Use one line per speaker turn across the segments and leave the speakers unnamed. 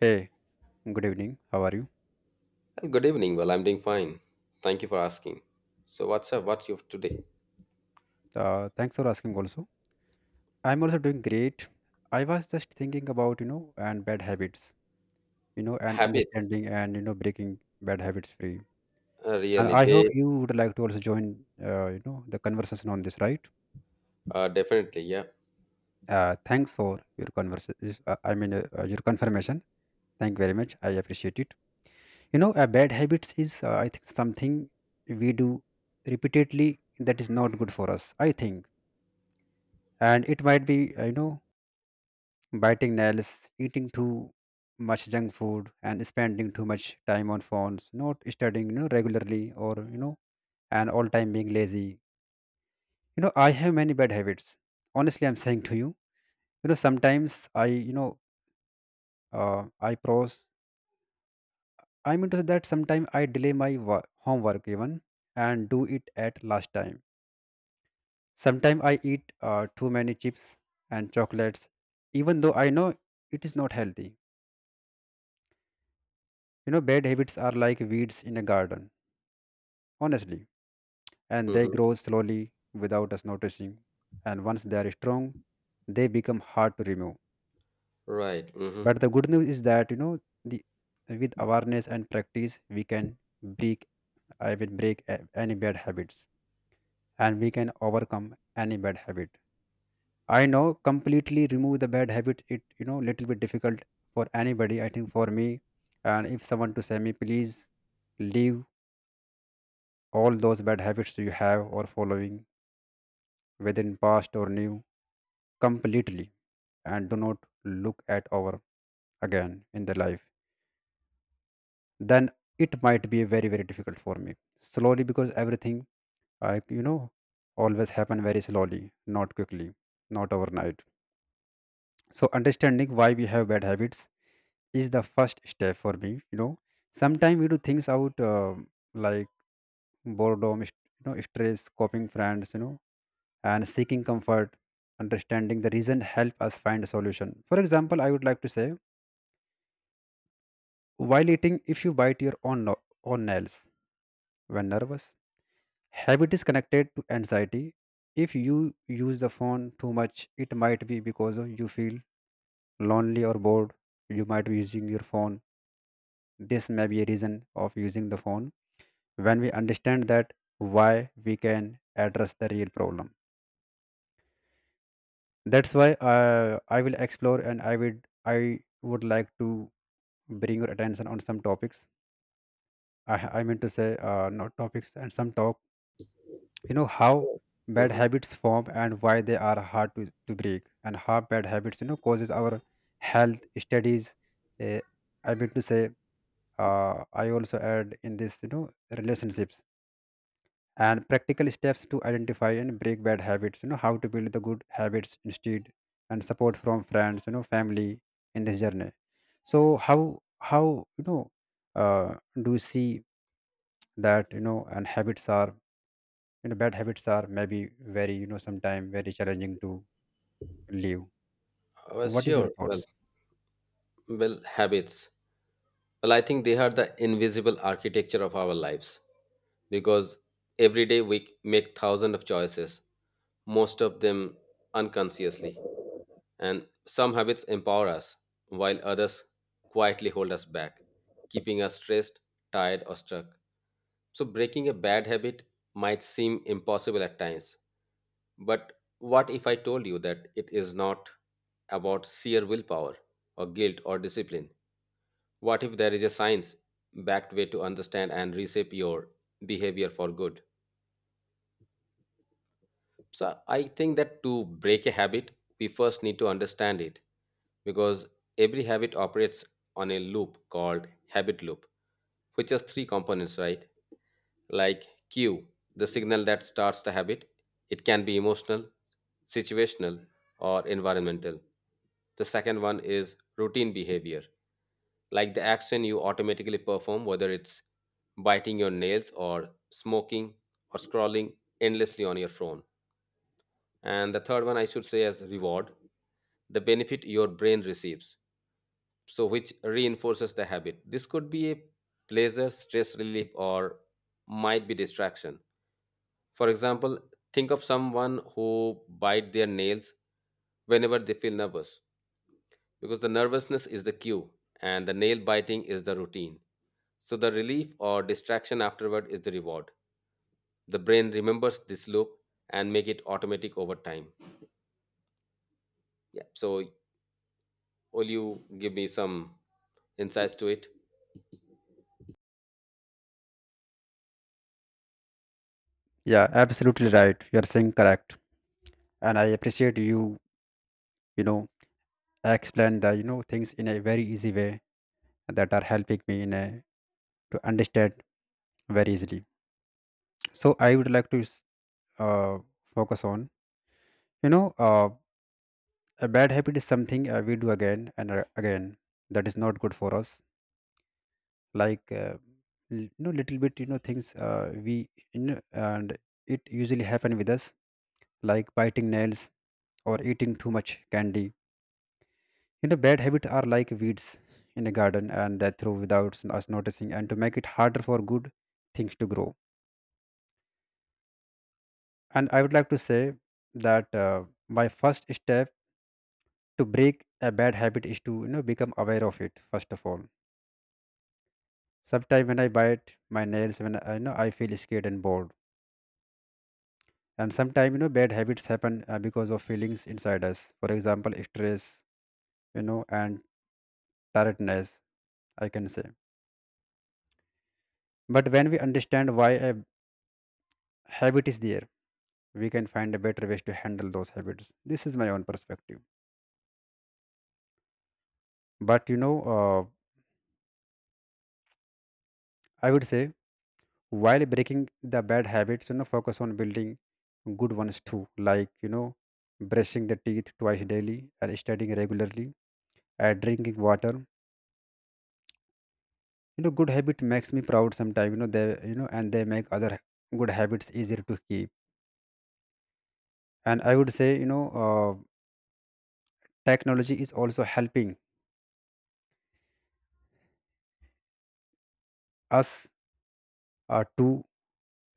Hey, good evening. How are you?
Good evening. Well, I'm doing fine. Thank you for asking. So, what's up? What's your today?
Thanks for asking also. I'm also doing great. I was just thinking about, and bad habits, and
Habits?
understanding and, breaking bad habits free. And
Really?
I hope
They
you would like to also join, the conversation on this, right?
definitely. Yeah.
Thanks for your conversation. I mean, your confirmation. Thank you very much. I appreciate it. You know, bad habits is, I think, something we do repeatedly that is not good for us, I think. And it might be, biting nails, eating too much junk food, and spending too much time on phones, not studying, regularly, or, and all time being lazy. You know, I have many bad habits. Honestly, I'm saying to you, sometimes I pros. I mean to say that sometimes I delay my homework even, and do it at last time. Sometimes I eat too many chips and chocolates, even though I know it is not healthy. Bad habits are like weeds in a garden honestly, and they
Mm-hmm.
grow slowly without us noticing. And once they are strong, they become hard to remove.
Right. Mm-hmm.
But the good news is that the with awareness and practice, we can break. I will break any bad habits, and we can overcome any bad habit. I know completely remove the bad habit. It little bit difficult for anybody. I think for me, and if someone to say me, please leave all those bad habits you have or following within past or new completely, and do not look at over again in the life, then it might be very very difficult for me slowly, because everything I always happen very slowly, not quickly, not overnight. So understanding why we have bad habits is the first step for me. Sometimes we do things out, like boredom, stress coping friends, and seeking comfort. Understanding the reason help us find a solution. For example, I would like to say, while eating, if you bite your own, own nails when nervous, habit is connected to anxiety. If you use the phone too much, it might be because of you feel lonely or bored. You might be using your phone. This may be a reason of using the phone. When we understand that, why we can address the real problem. That's why I will explore, and I would like to bring your attention on some topics. I mean to say not topics and some talk, you know, how bad
Mm-hmm.
habits form, and why they are hard to, break, and how bad habits, you know, causes our health studies, uh, I mean to say, I also add in this, you know, relationships, and practical steps to identify and break bad habits, you know, how to build the good habits instead, and support from friends, you know, family, in this journey. So how you know uh, do you see that, you know, and habits are, you know, bad habits are maybe very, you know, sometime very challenging to leave. What is your
Sure. Well,
thoughts?
well, habits. Well, I think they are the invisible architecture of our lives because every day we make thousands of choices, most of them unconsciously. And some habits empower us, while others quietly hold us back, keeping us stressed, tired, or stuck. So, breaking a bad habit might seem impossible at times. But what if I told you that it is not about sheer willpower, or guilt, or discipline? What if there is a science backed way to understand and reshape your behavior for good? So I think that to break a habit, we first need to understand it because every habit operates on a loop called habit loop, which has three components, right? Like cue, the signal that starts the habit. It can be emotional, situational, or environmental. The second one is routine behavior like the action you automatically perform, whether it's biting your nails or smoking or scrolling endlessly on your phone. And the third one, I should say, as reward, the benefit your brain receives, so which reinforces the habit. This could be a pleasure, stress relief, or might be distraction. For example, think of someone who bite their nails whenever they feel nervous because the nervousness is the cue and the nail biting is the routine. So the relief or distraction afterward is the reward. The brain remembers this loop and make it automatic over time. Yeah. So will you give me some insights to it?
Yeah, absolutely right, you are saying correct, and I appreciate you. You know explain the, things in a very easy way that are helping me in a to understand very easily. So I would like to uh, focus on, you know uh, a bad habit is something, we do again and, again, that is not good for us, like, little bit, things, we, and it usually happen with us, like biting nails or eating too much candy. Bad habits are like weeds in a garden, and that through without us noticing, and to make it harder for good things to grow. And I would like to say that, my first step to break a bad habit is to, become aware of it first of all. Sometimes when I bite my nails, when I you know I feel scared and bored, and sometimes, you know, bad habits happen, because of feelings inside us, for example stress, and tiredness, I can say. But when we understand why a habit is there, we can find a better ways to handle those habits. This is my own perspective. But, I would say, while breaking the bad habits, you know, focus on building good ones too, like, you know, brushing the teeth twice daily, and studying regularly, and drinking water. You know, good habit makes me proud. Sometimes, you know they you know and they make other good habits easier to keep. And I would say, technology is also helping us to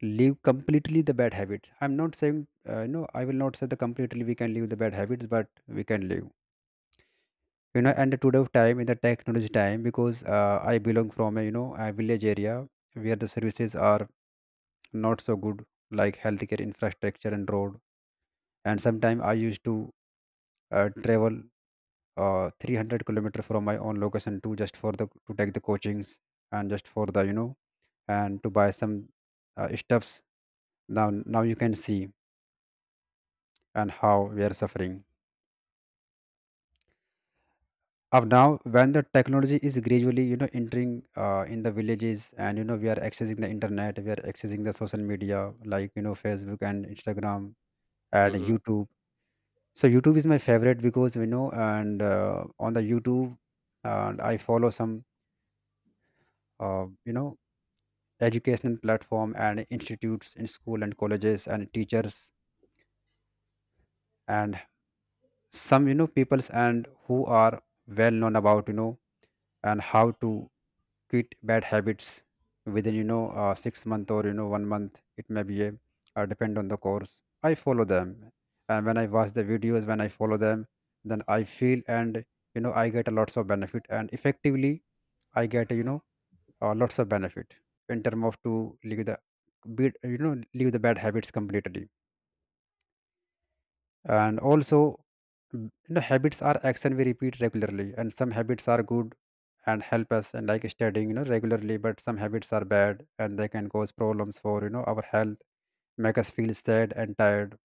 leave completely the bad habits. I'm not saying, I will not say the completely we can leave the bad habits, but we can leave, you know, and the today of time in the technology time, because I belong from a, a village area where the services are not so good, like healthcare infrastructure and road. And sometimes I used to travel 300-kilometer from my own location to just for the to take the coachings, and just for the, and to buy some stuffs. Now now you can see and how we are suffering of now, when the technology is gradually, you know, entering in the villages, and, you know, we are accessing the internet, we are accessing the social media, like, you know, Facebook and Instagram and
Hmm.
YouTube. So YouTube is my favorite because, you know and on the YouTube, and I follow some uh, you know educational platform and institutes in school and colleges and teachers, and some, you know, peoples, and who are well known about, you know, and how to quit bad habits within, 6 month, or, you know, one month, it may be a, depend on the course. I follow them, and when I watch the videos, when I follow them, then I feel, and, you know, I get a lots of benefit, and effectively I get, lots of benefit, in terms of to leave the bad, you know, leave the bad habits completely. And also, you know, habits are action we repeat regularly, and some habits are good and help us, and like studying, you know, regularly, but some habits are bad and they can cause problems for, you know, our health, make us feel sad and tired,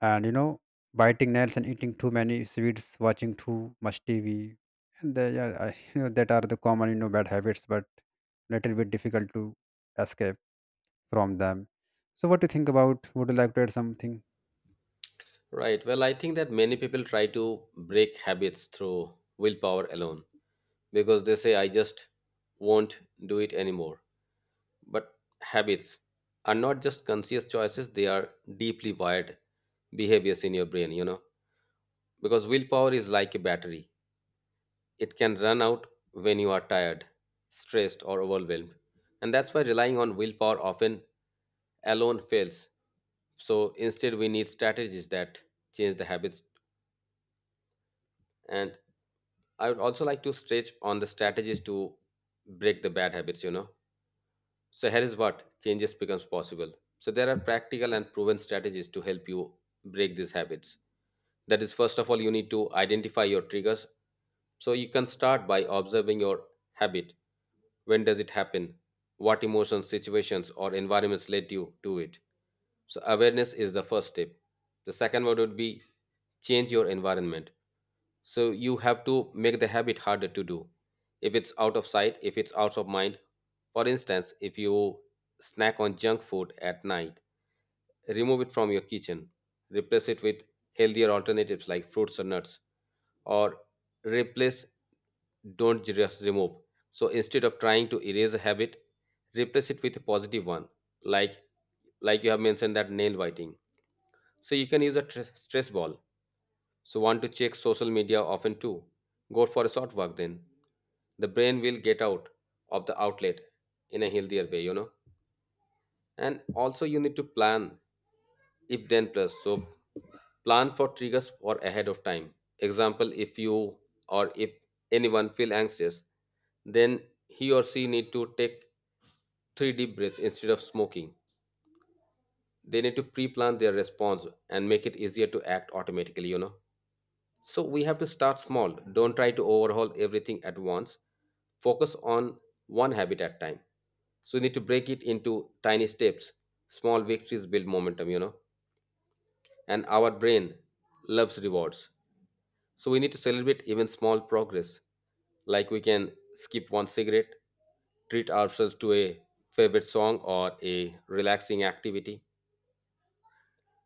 and, you know, biting nails and eating too many sweets, watching too much TV, and they, are, I, you know that are the common, you know, bad habits, but little bit difficult to escape from them. So, what do you think about? Would you like to add something?
Right. Well, I think that many people try to break habits through willpower alone because they say, I just won't do it anymore. But habits are not just conscious choices, they are deeply wired behaviors in your brain, you know. Because willpower is like a battery, it can run out when you are tired, stressed, or overwhelmed. And that's why relying on willpower often alone fails. So instead, we need strategies that change the habits. And I would also like to stretch on the strategies to break the bad habits, you know. So here is what changes becomes possible. So there are practical and proven strategies to help you break these habits. That is, first of all, you need to identify your triggers. So you can start by observing your habit. When does it happen? What emotions, situations, or environments led you to it? So awareness is the first step. The second one would be change your environment. So you have to make the habit harder to do. If it's out of sight, if it's out of mind. For instance, if you snack on junk food at night, remove it from your kitchen, replace it with healthier alternatives like fruits or nuts, or replace, don't just remove. So instead of trying to erase a habit, replace it with a positive one, like you have mentioned that nail biting. So you can use a stress ball so want to check social media often too. Go for a short walk then. The brain will get out of the outlet in a healthier way, you know. And also you need to plan if then plus. So plan for triggers for ahead of time. Example, if you or if anyone feel anxious, then he or she need to take three deep breaths instead of smoking. They need to pre-plan their response and make it easier to act automatically, you know. So we have to start small. Don't try to overhaul everything at once. Focus on one habit at time. So you need to break it into tiny steps. Small victories build momentum, you know. And our brain loves rewards. So we need to celebrate even small progress. Like we can skip one cigarette, treat ourselves to a favorite song or a relaxing activity.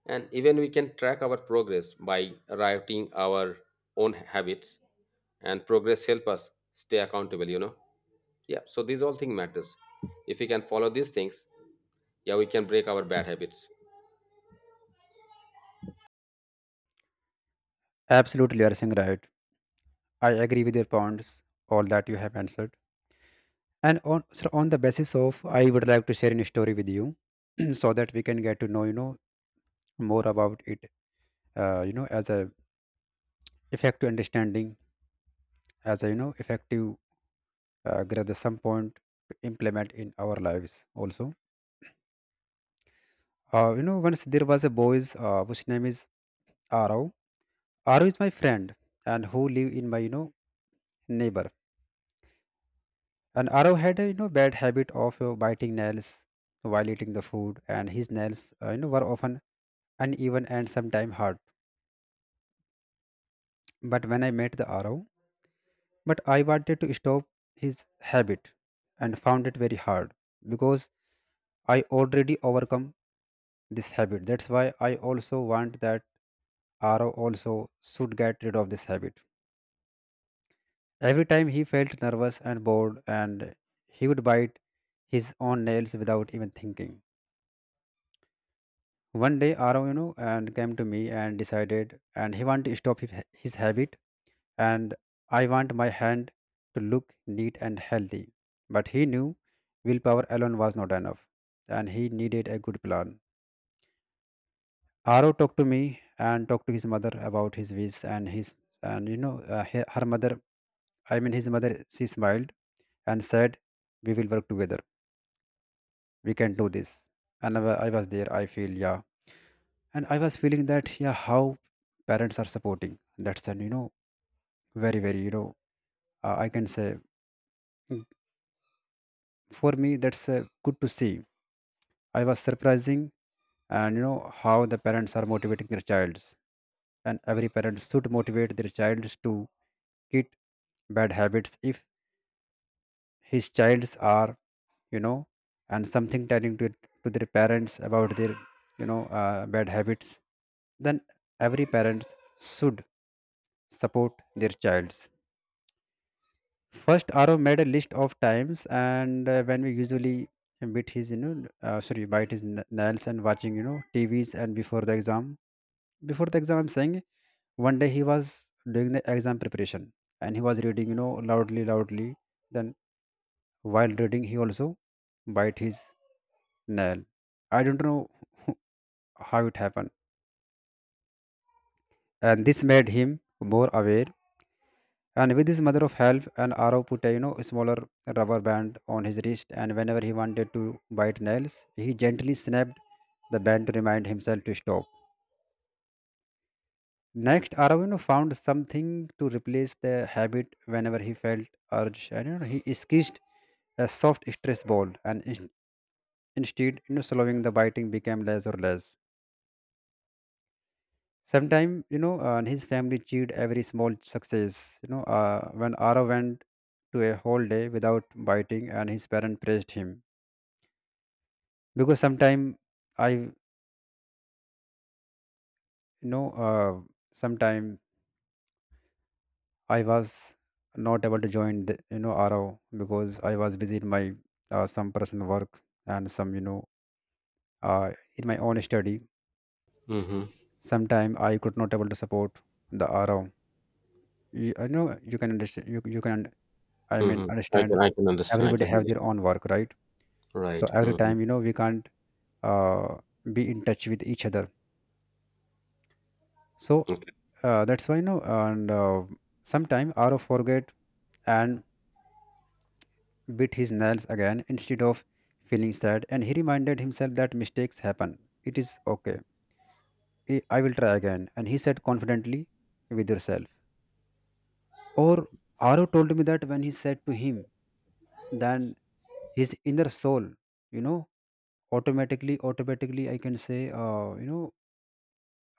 And even we can track our progress by writing our own habits and progress help us stay accountable, you know. Yeah, so these all thing matters. If we can follow these things, yeah, we can break our bad habits.
Absolutely, you are saying right. I agree with your points, all that you have answered. And on so on the basis of, I would like to share a story with you, so that we can get to know, you know, more about it. You know, as a effective understanding, as a, you know, effective grade at some point to implement in our lives also. You know, once there was a boy whose name is Arav. Arav is my friend, and who live in my, you know, neighbor. And Arav had a, you know, bad habit of biting nails while eating the food, and his nails, you know, were often uneven and sometimes hard. But when I met the Arav, but I wanted to stop his habit and found it very hard, because I already overcome this habit. That's why I also want that Arav also should get rid of this habit. Every time he felt nervous and bored, and he would bite his own nails without even thinking. One day, Arav, you know, and came to me and decided, and he want to stop his habit, and I want my hand to look neat and healthy. But he knew willpower alone was not enough, and he needed a good plan. Arav talked to me and talked to his mother about his wish, and his, and, you know, her mother, I mean his mother, she smiled and said, "We will work together. We can do this." And I was there. I feel, yeah, and I was feeling that, yeah, how parents are supporting. That's an, very very, I can say, mm, for me that's good to see. I was surprising. And how the parents are motivating their childs, and every parent should motivate their childs to quit bad habits if his childs are, you know and something telling to their parents about their, bad habits, then every parent should support their child. First, Arav made a list of times and when we usually bit his, sorry, bite his nails and watching, TVs and before the exam. Before the exam, I'm saying, one day he was doing the exam preparation, and he was reading, loudly, loudly. Then while reading, he also bite his nail. I don't know how it happened. And this made him more aware. And with his mother of help, and Arav put a smaller rubber band on his wrist, and whenever he wanted to bite nails, he gently snapped the band to remind himself to stop. Next, Arav found something to replace the habit whenever he felt urge, and, he sketched a soft stress ball, and instead, slowing the biting became less or less. Sometime, his family cheered every small success. When Arav went to a whole day without biting, and his parent praised him, because I, you know, uh, sometime I was not able to join, Arav, because I was busy in my, some personal work and some, in my own study.
Mm-hmm.
Sometime I could not able to support the Arav. You, I know you can understand. You can, I mean,
Mm-hmm.
understand.
I can understand. I
Everybody
can
have
relate.
their own work, right? So
Right.
every
Mm-hmm.
time, we can't, uh, be in touch with each other, so,
Okay.
that's why, and sometime aro forget and bit his nails again, instead of feeling sad, and he reminded himself that mistakes happen, it is okay, I will try again, and he said confidently with herself. Or aro told me that when he said to him, then his inner soul, you know automatically, automatically, I can say,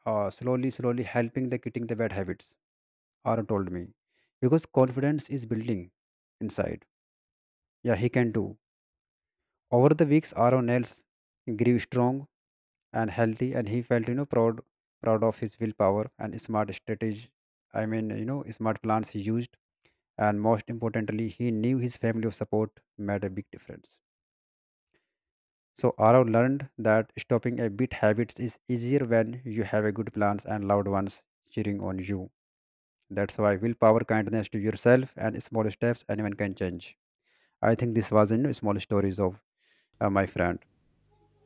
slowly, slowly, helping the quitting the bad habits, Arun told me, because confidence is building inside. Yeah, he can do. Over the weeks, Aaron else grew strong and healthy, and he felt, proud of his willpower and smart strategy. I mean, smart plans he used, and most importantly, he knew his family of support made a big difference. So Aaron learned that stopping a bit habits is easier when you have a good plans and loved ones cheering on you. That's why willpower, kindness to yourself, and small steps, anyone can change. I think this was in small stories of my friend.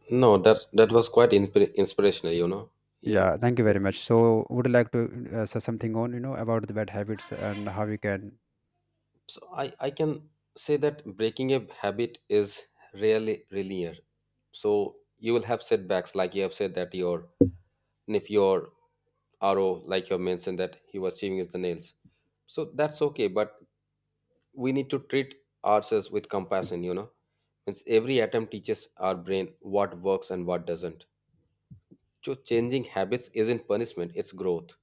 No,
So,
that's that was quite inspirational. You know. Yeah.
yeah, thank you very much. So, would you like to say something on, about the bad habits and how you can?
So I can say that breaking a habit is really linear. So you will have setbacks, like you have said that your and if your RO, like you mentioned, that he was chewing his the nails, so that's okay. But we need to treat ourselves with compassion. You know, means every atom teaches our brain what works and what doesn't. So changing habits isn't punishment; it's growth.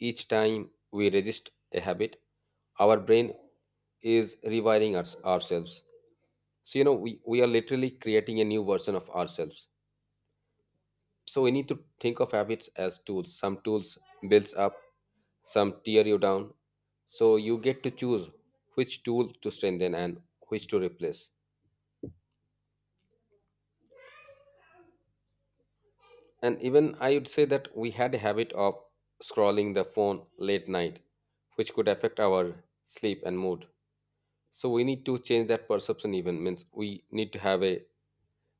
Each time we resist a habit, our brain is rewiring us, ourselves. So you know, we are literally creating a new version of ourselves. So we need to think of habits as tools, some tools builds up, some tear you down, so you get to choose which tool to strengthen and which to replace. And even I would say that we had a habit of scrolling the phone late night which could affect our sleep and mood, so we need to change that perception, even means we need to have a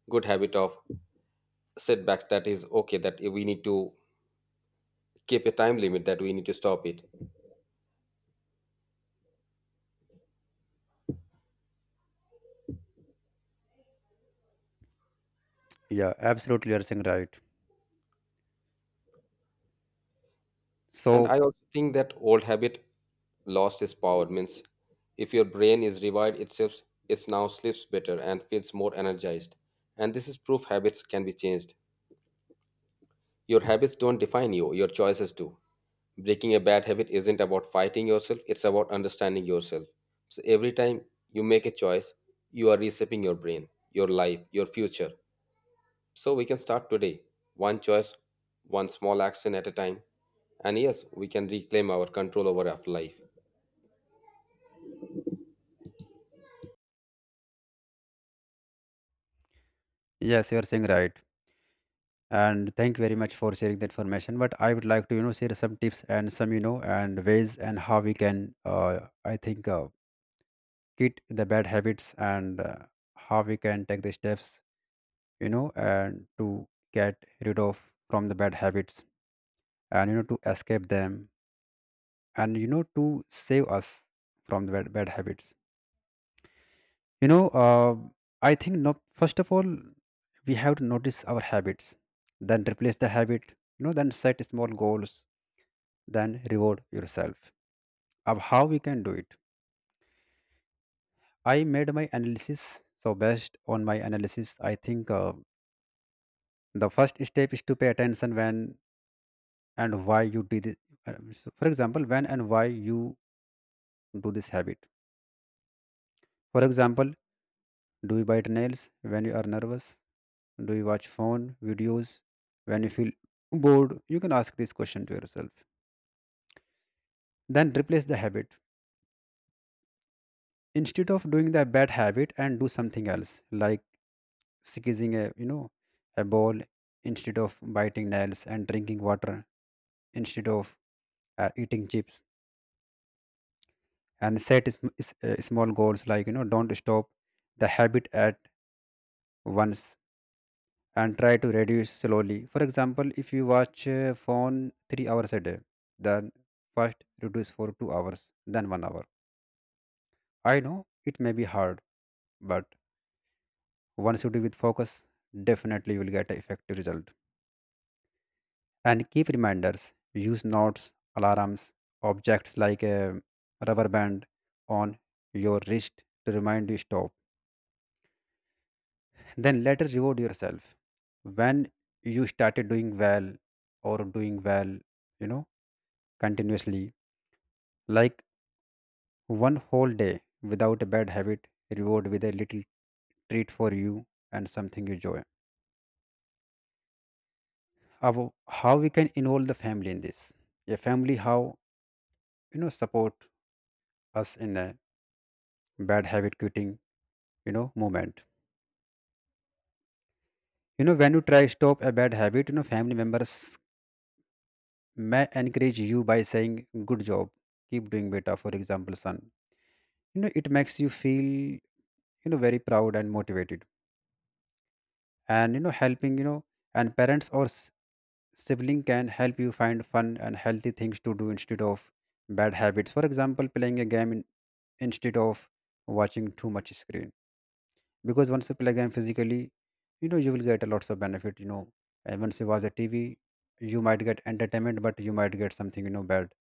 good habit of setbacks, that is okay, that we need to keep a time limit, that we need to stop it.
Yeah, absolutely, you are saying right.
And I
So,
also think that old habit lost its power means if your brain is revived itself, it now sleeps better and feels more energized. And this is proof habits can be changed. Your habits don't define you, your choices do. Breaking a bad habit isn't about fighting yourself, it's about understanding yourself. So every time you make a choice, you are reshaping your brain, your life, your future. So we can start today, one choice, one small action at a time. And yes, we can reclaim our control over our life.
yes, you are saying right, and thank you very much for sharing the information. But I would like to, share some tips and some, and ways and how we can, I think, quit the bad habits, and how we can take the steps, and to get rid of from the bad habits, and, to escape them, and, to save us from the bad, bad habits, you know uh, I think, not first of all, we have to notice our habits, then replace the habit, then set small goals, then reward yourself, of how we can do it. I made my analysis, so based on my analysis I think, the first step is to pay attention when and why you did it. Uh, so for example, when and why you do this habit. For example, do you bite nails when you are nervous? Do you watch phone videos when you feel bored? You can ask this question to yourself. Then replace the habit. Instead of doing the bad habit and do something else, like squeezing a you know a ball instead of biting nails, and drinking water instead of eating chips, and set small goals like, don't stop the habit at once, and try to reduce slowly. For example, if you watch phone 3 hours a day, then first reduce for 2 hours, then 1 hour. I know it may be hard, but once you do with focus, definitely you will get an effective result. And keep reminders, use notes, alarms, objects like a rubber band on your wrist to remind you stop. Then later reward yourself when you started doing well, or doing well, you know, continuously, like one whole day without a bad habit, reward with a little treat for you and something you enjoy. How we can involve the family in this? A family, how, support us in the bad habit quitting, movement. You know when you try stop a bad habit, family members may encourage you by saying good job, keep doing better. For example, son, it makes you feel, very proud and motivated, and, helping, and parents or sibling can help you find fun and healthy things to do instead of bad habits. For example, playing a game in, instead of watching too much screen. Because once you play a game physically, you will get a lots of benefit. You know, and once you watch a TV, you might get entertainment, but you might get something, bad.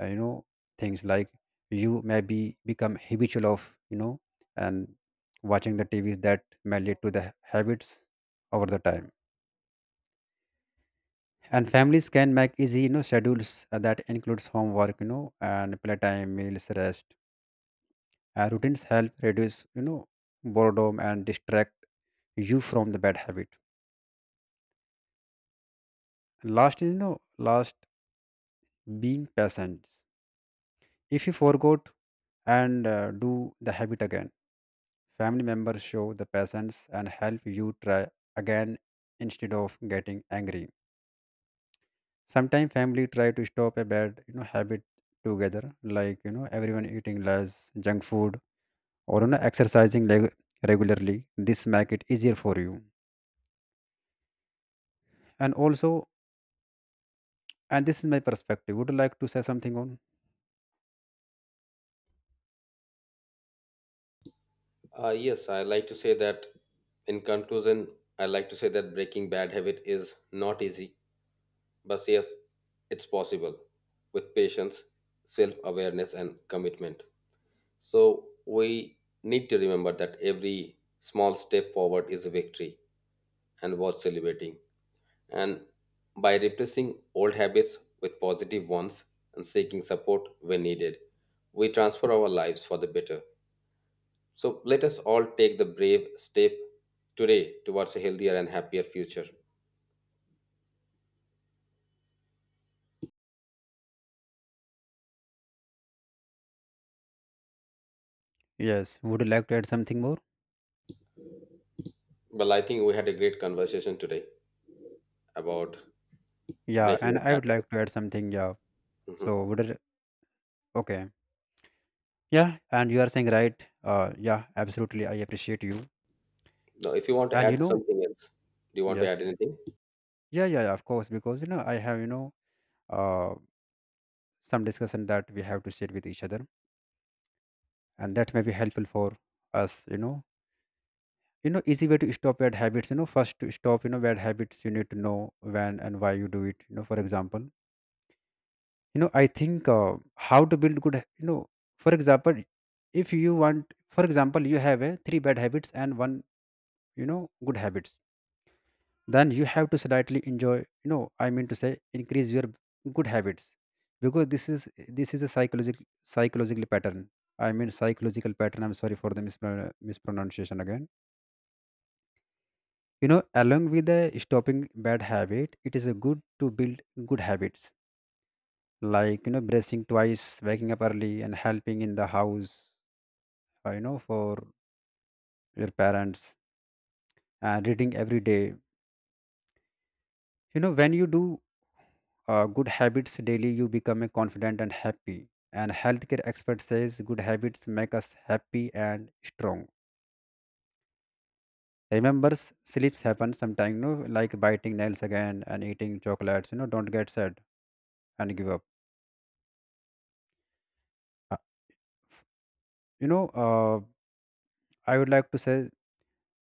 Uh, you know things like you may be become habitual of, and watching the TVs, that may lead to the habits over the time. And families can make easy, schedules, that includes homework, and playtime, meals, rest, routines, help reduce, boredom, and distract you from the bad habit. And last is, last, being patient. If you forgot and do the habit again, family members show the patience and help you try again, instead of getting angry. Sometimes family try to stop a bad, habit together, like, everyone eating less junk food, or, exercising regularly. This make it easier for you. And also, and this is my perspective. Would you like to say something on?
Yes, I like to say that in conclusion, I like to say that breaking bad habit is not easy, but yes, it's possible with patience, self awareness, and commitment. So we need to remember that every small step forward is a victory and worth celebrating. And by replacing old habits with positive ones and seeking support when needed, we transfer our lives for the better. So let us all take the brave step today towards a healthier and happier future.
Yes. Would you like to add something more?
Well, I think we had a great conversation today about the
Yeah.
breaking
And
the
I would
pattern.
like to add something. Yeah.
Mhm.
So would it, okay. Yeah. And you are saying right. Yeah. Absolutely. I appreciate you.
Now, if you want to
And you
add
know.
something else, do you want to add
Yes.
anything?
Yeah. Yeah. Yeah, of course. Because, I have, uh some discussion that we have to share with each other, and that may be helpful for us. You know, easy way to stop bad habits, first, to stop, bad habits, you need to know when and why you do it, for example. I think, how to build good, for example, if you want, for example, you have a three bad habits and one, you know good habits, then you have to slightly enjoy, I mean to say increase your good habits, because this is a psychological pattern, I mean psychological pattern. I'm sorry for the mispronunciation again. Along with the stopping bad habit, it is a good to build good habits, like, brushing twice, waking up early, and helping in the house, for your parents, and reading every day. When you do, good habits daily, you become a confident and happy, and healthcare expert says good habits make us happy and strong. Remember, sleeps happen sometimes, like biting nails again and eating chocolates, don't get sad and give up. uh, you know uh, I would like to say, you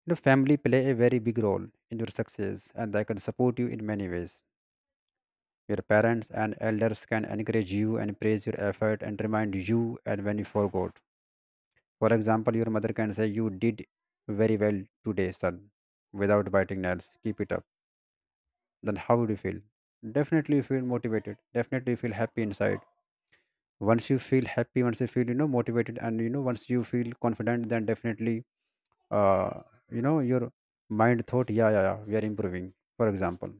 know, family play a very big role in your success, and they can support you in many ways. Your parents and elders can encourage you and praise your effort and remind you and when you forgot. For example, your mother can say, "You did very well today, son, without biting nails. Keep it up." Then how would you feel? Definitely you feel motivated. Definitely you feel happy inside. Once you feel happy, once you feel, motivated, and, once you feel confident, then definitely, uh, your mind thought, yeah yeah yeah, we are improving, for example.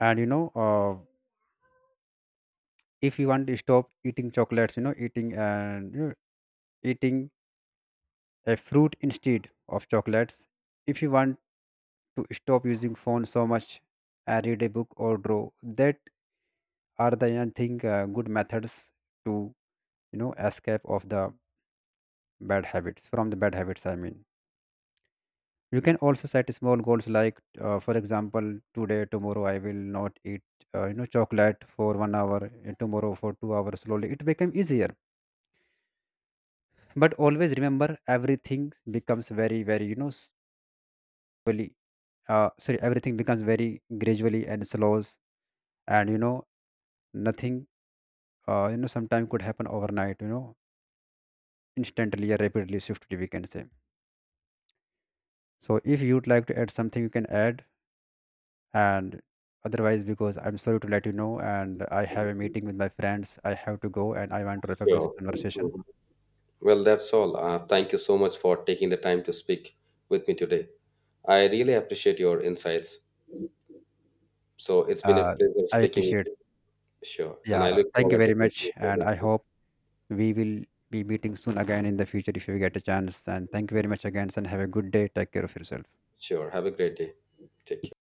And, if you want to stop eating chocolates, eating, and, eating a fruit instead of chocolates, if you want to stop using phone so much, and read a book or draw, that are the, I think, good methods to, escape of the bad habits, from the bad habits I mean. You can also set small goals like, for example, today, tomorrow, I will not eat, chocolate for 1 hour, and tomorrow for 2 hours. Slowly, it become easier. But always remember, everything becomes very, very, slowly. Sorry, everything becomes very gradually and slows, and, nothing. Sometime could happen overnight. You know, instantly or rapidly, swiftly, we can say. So, if you'd like to add something, you can add, and otherwise, because I'm sorry to let you know, and I have a meeting with my friends, I have to go, and I want to wrap up this
Sure.
conversation.
Mhm. Well, that's all. Thank you so much for taking the time to speak with me today. I really appreciate your insights. So it's been a
uh,
pleasure
I
speaking with
appreciate.
you. Sure. And I
Yeah,
look
thank you
forward to
very
connecting
much,
with you
and
again
I
soon.
hope we will be meeting soon again in the future if you get a chance. And thank you very much again, and have a good day. Take care of yourself.
Sure. Have a great day. Take care.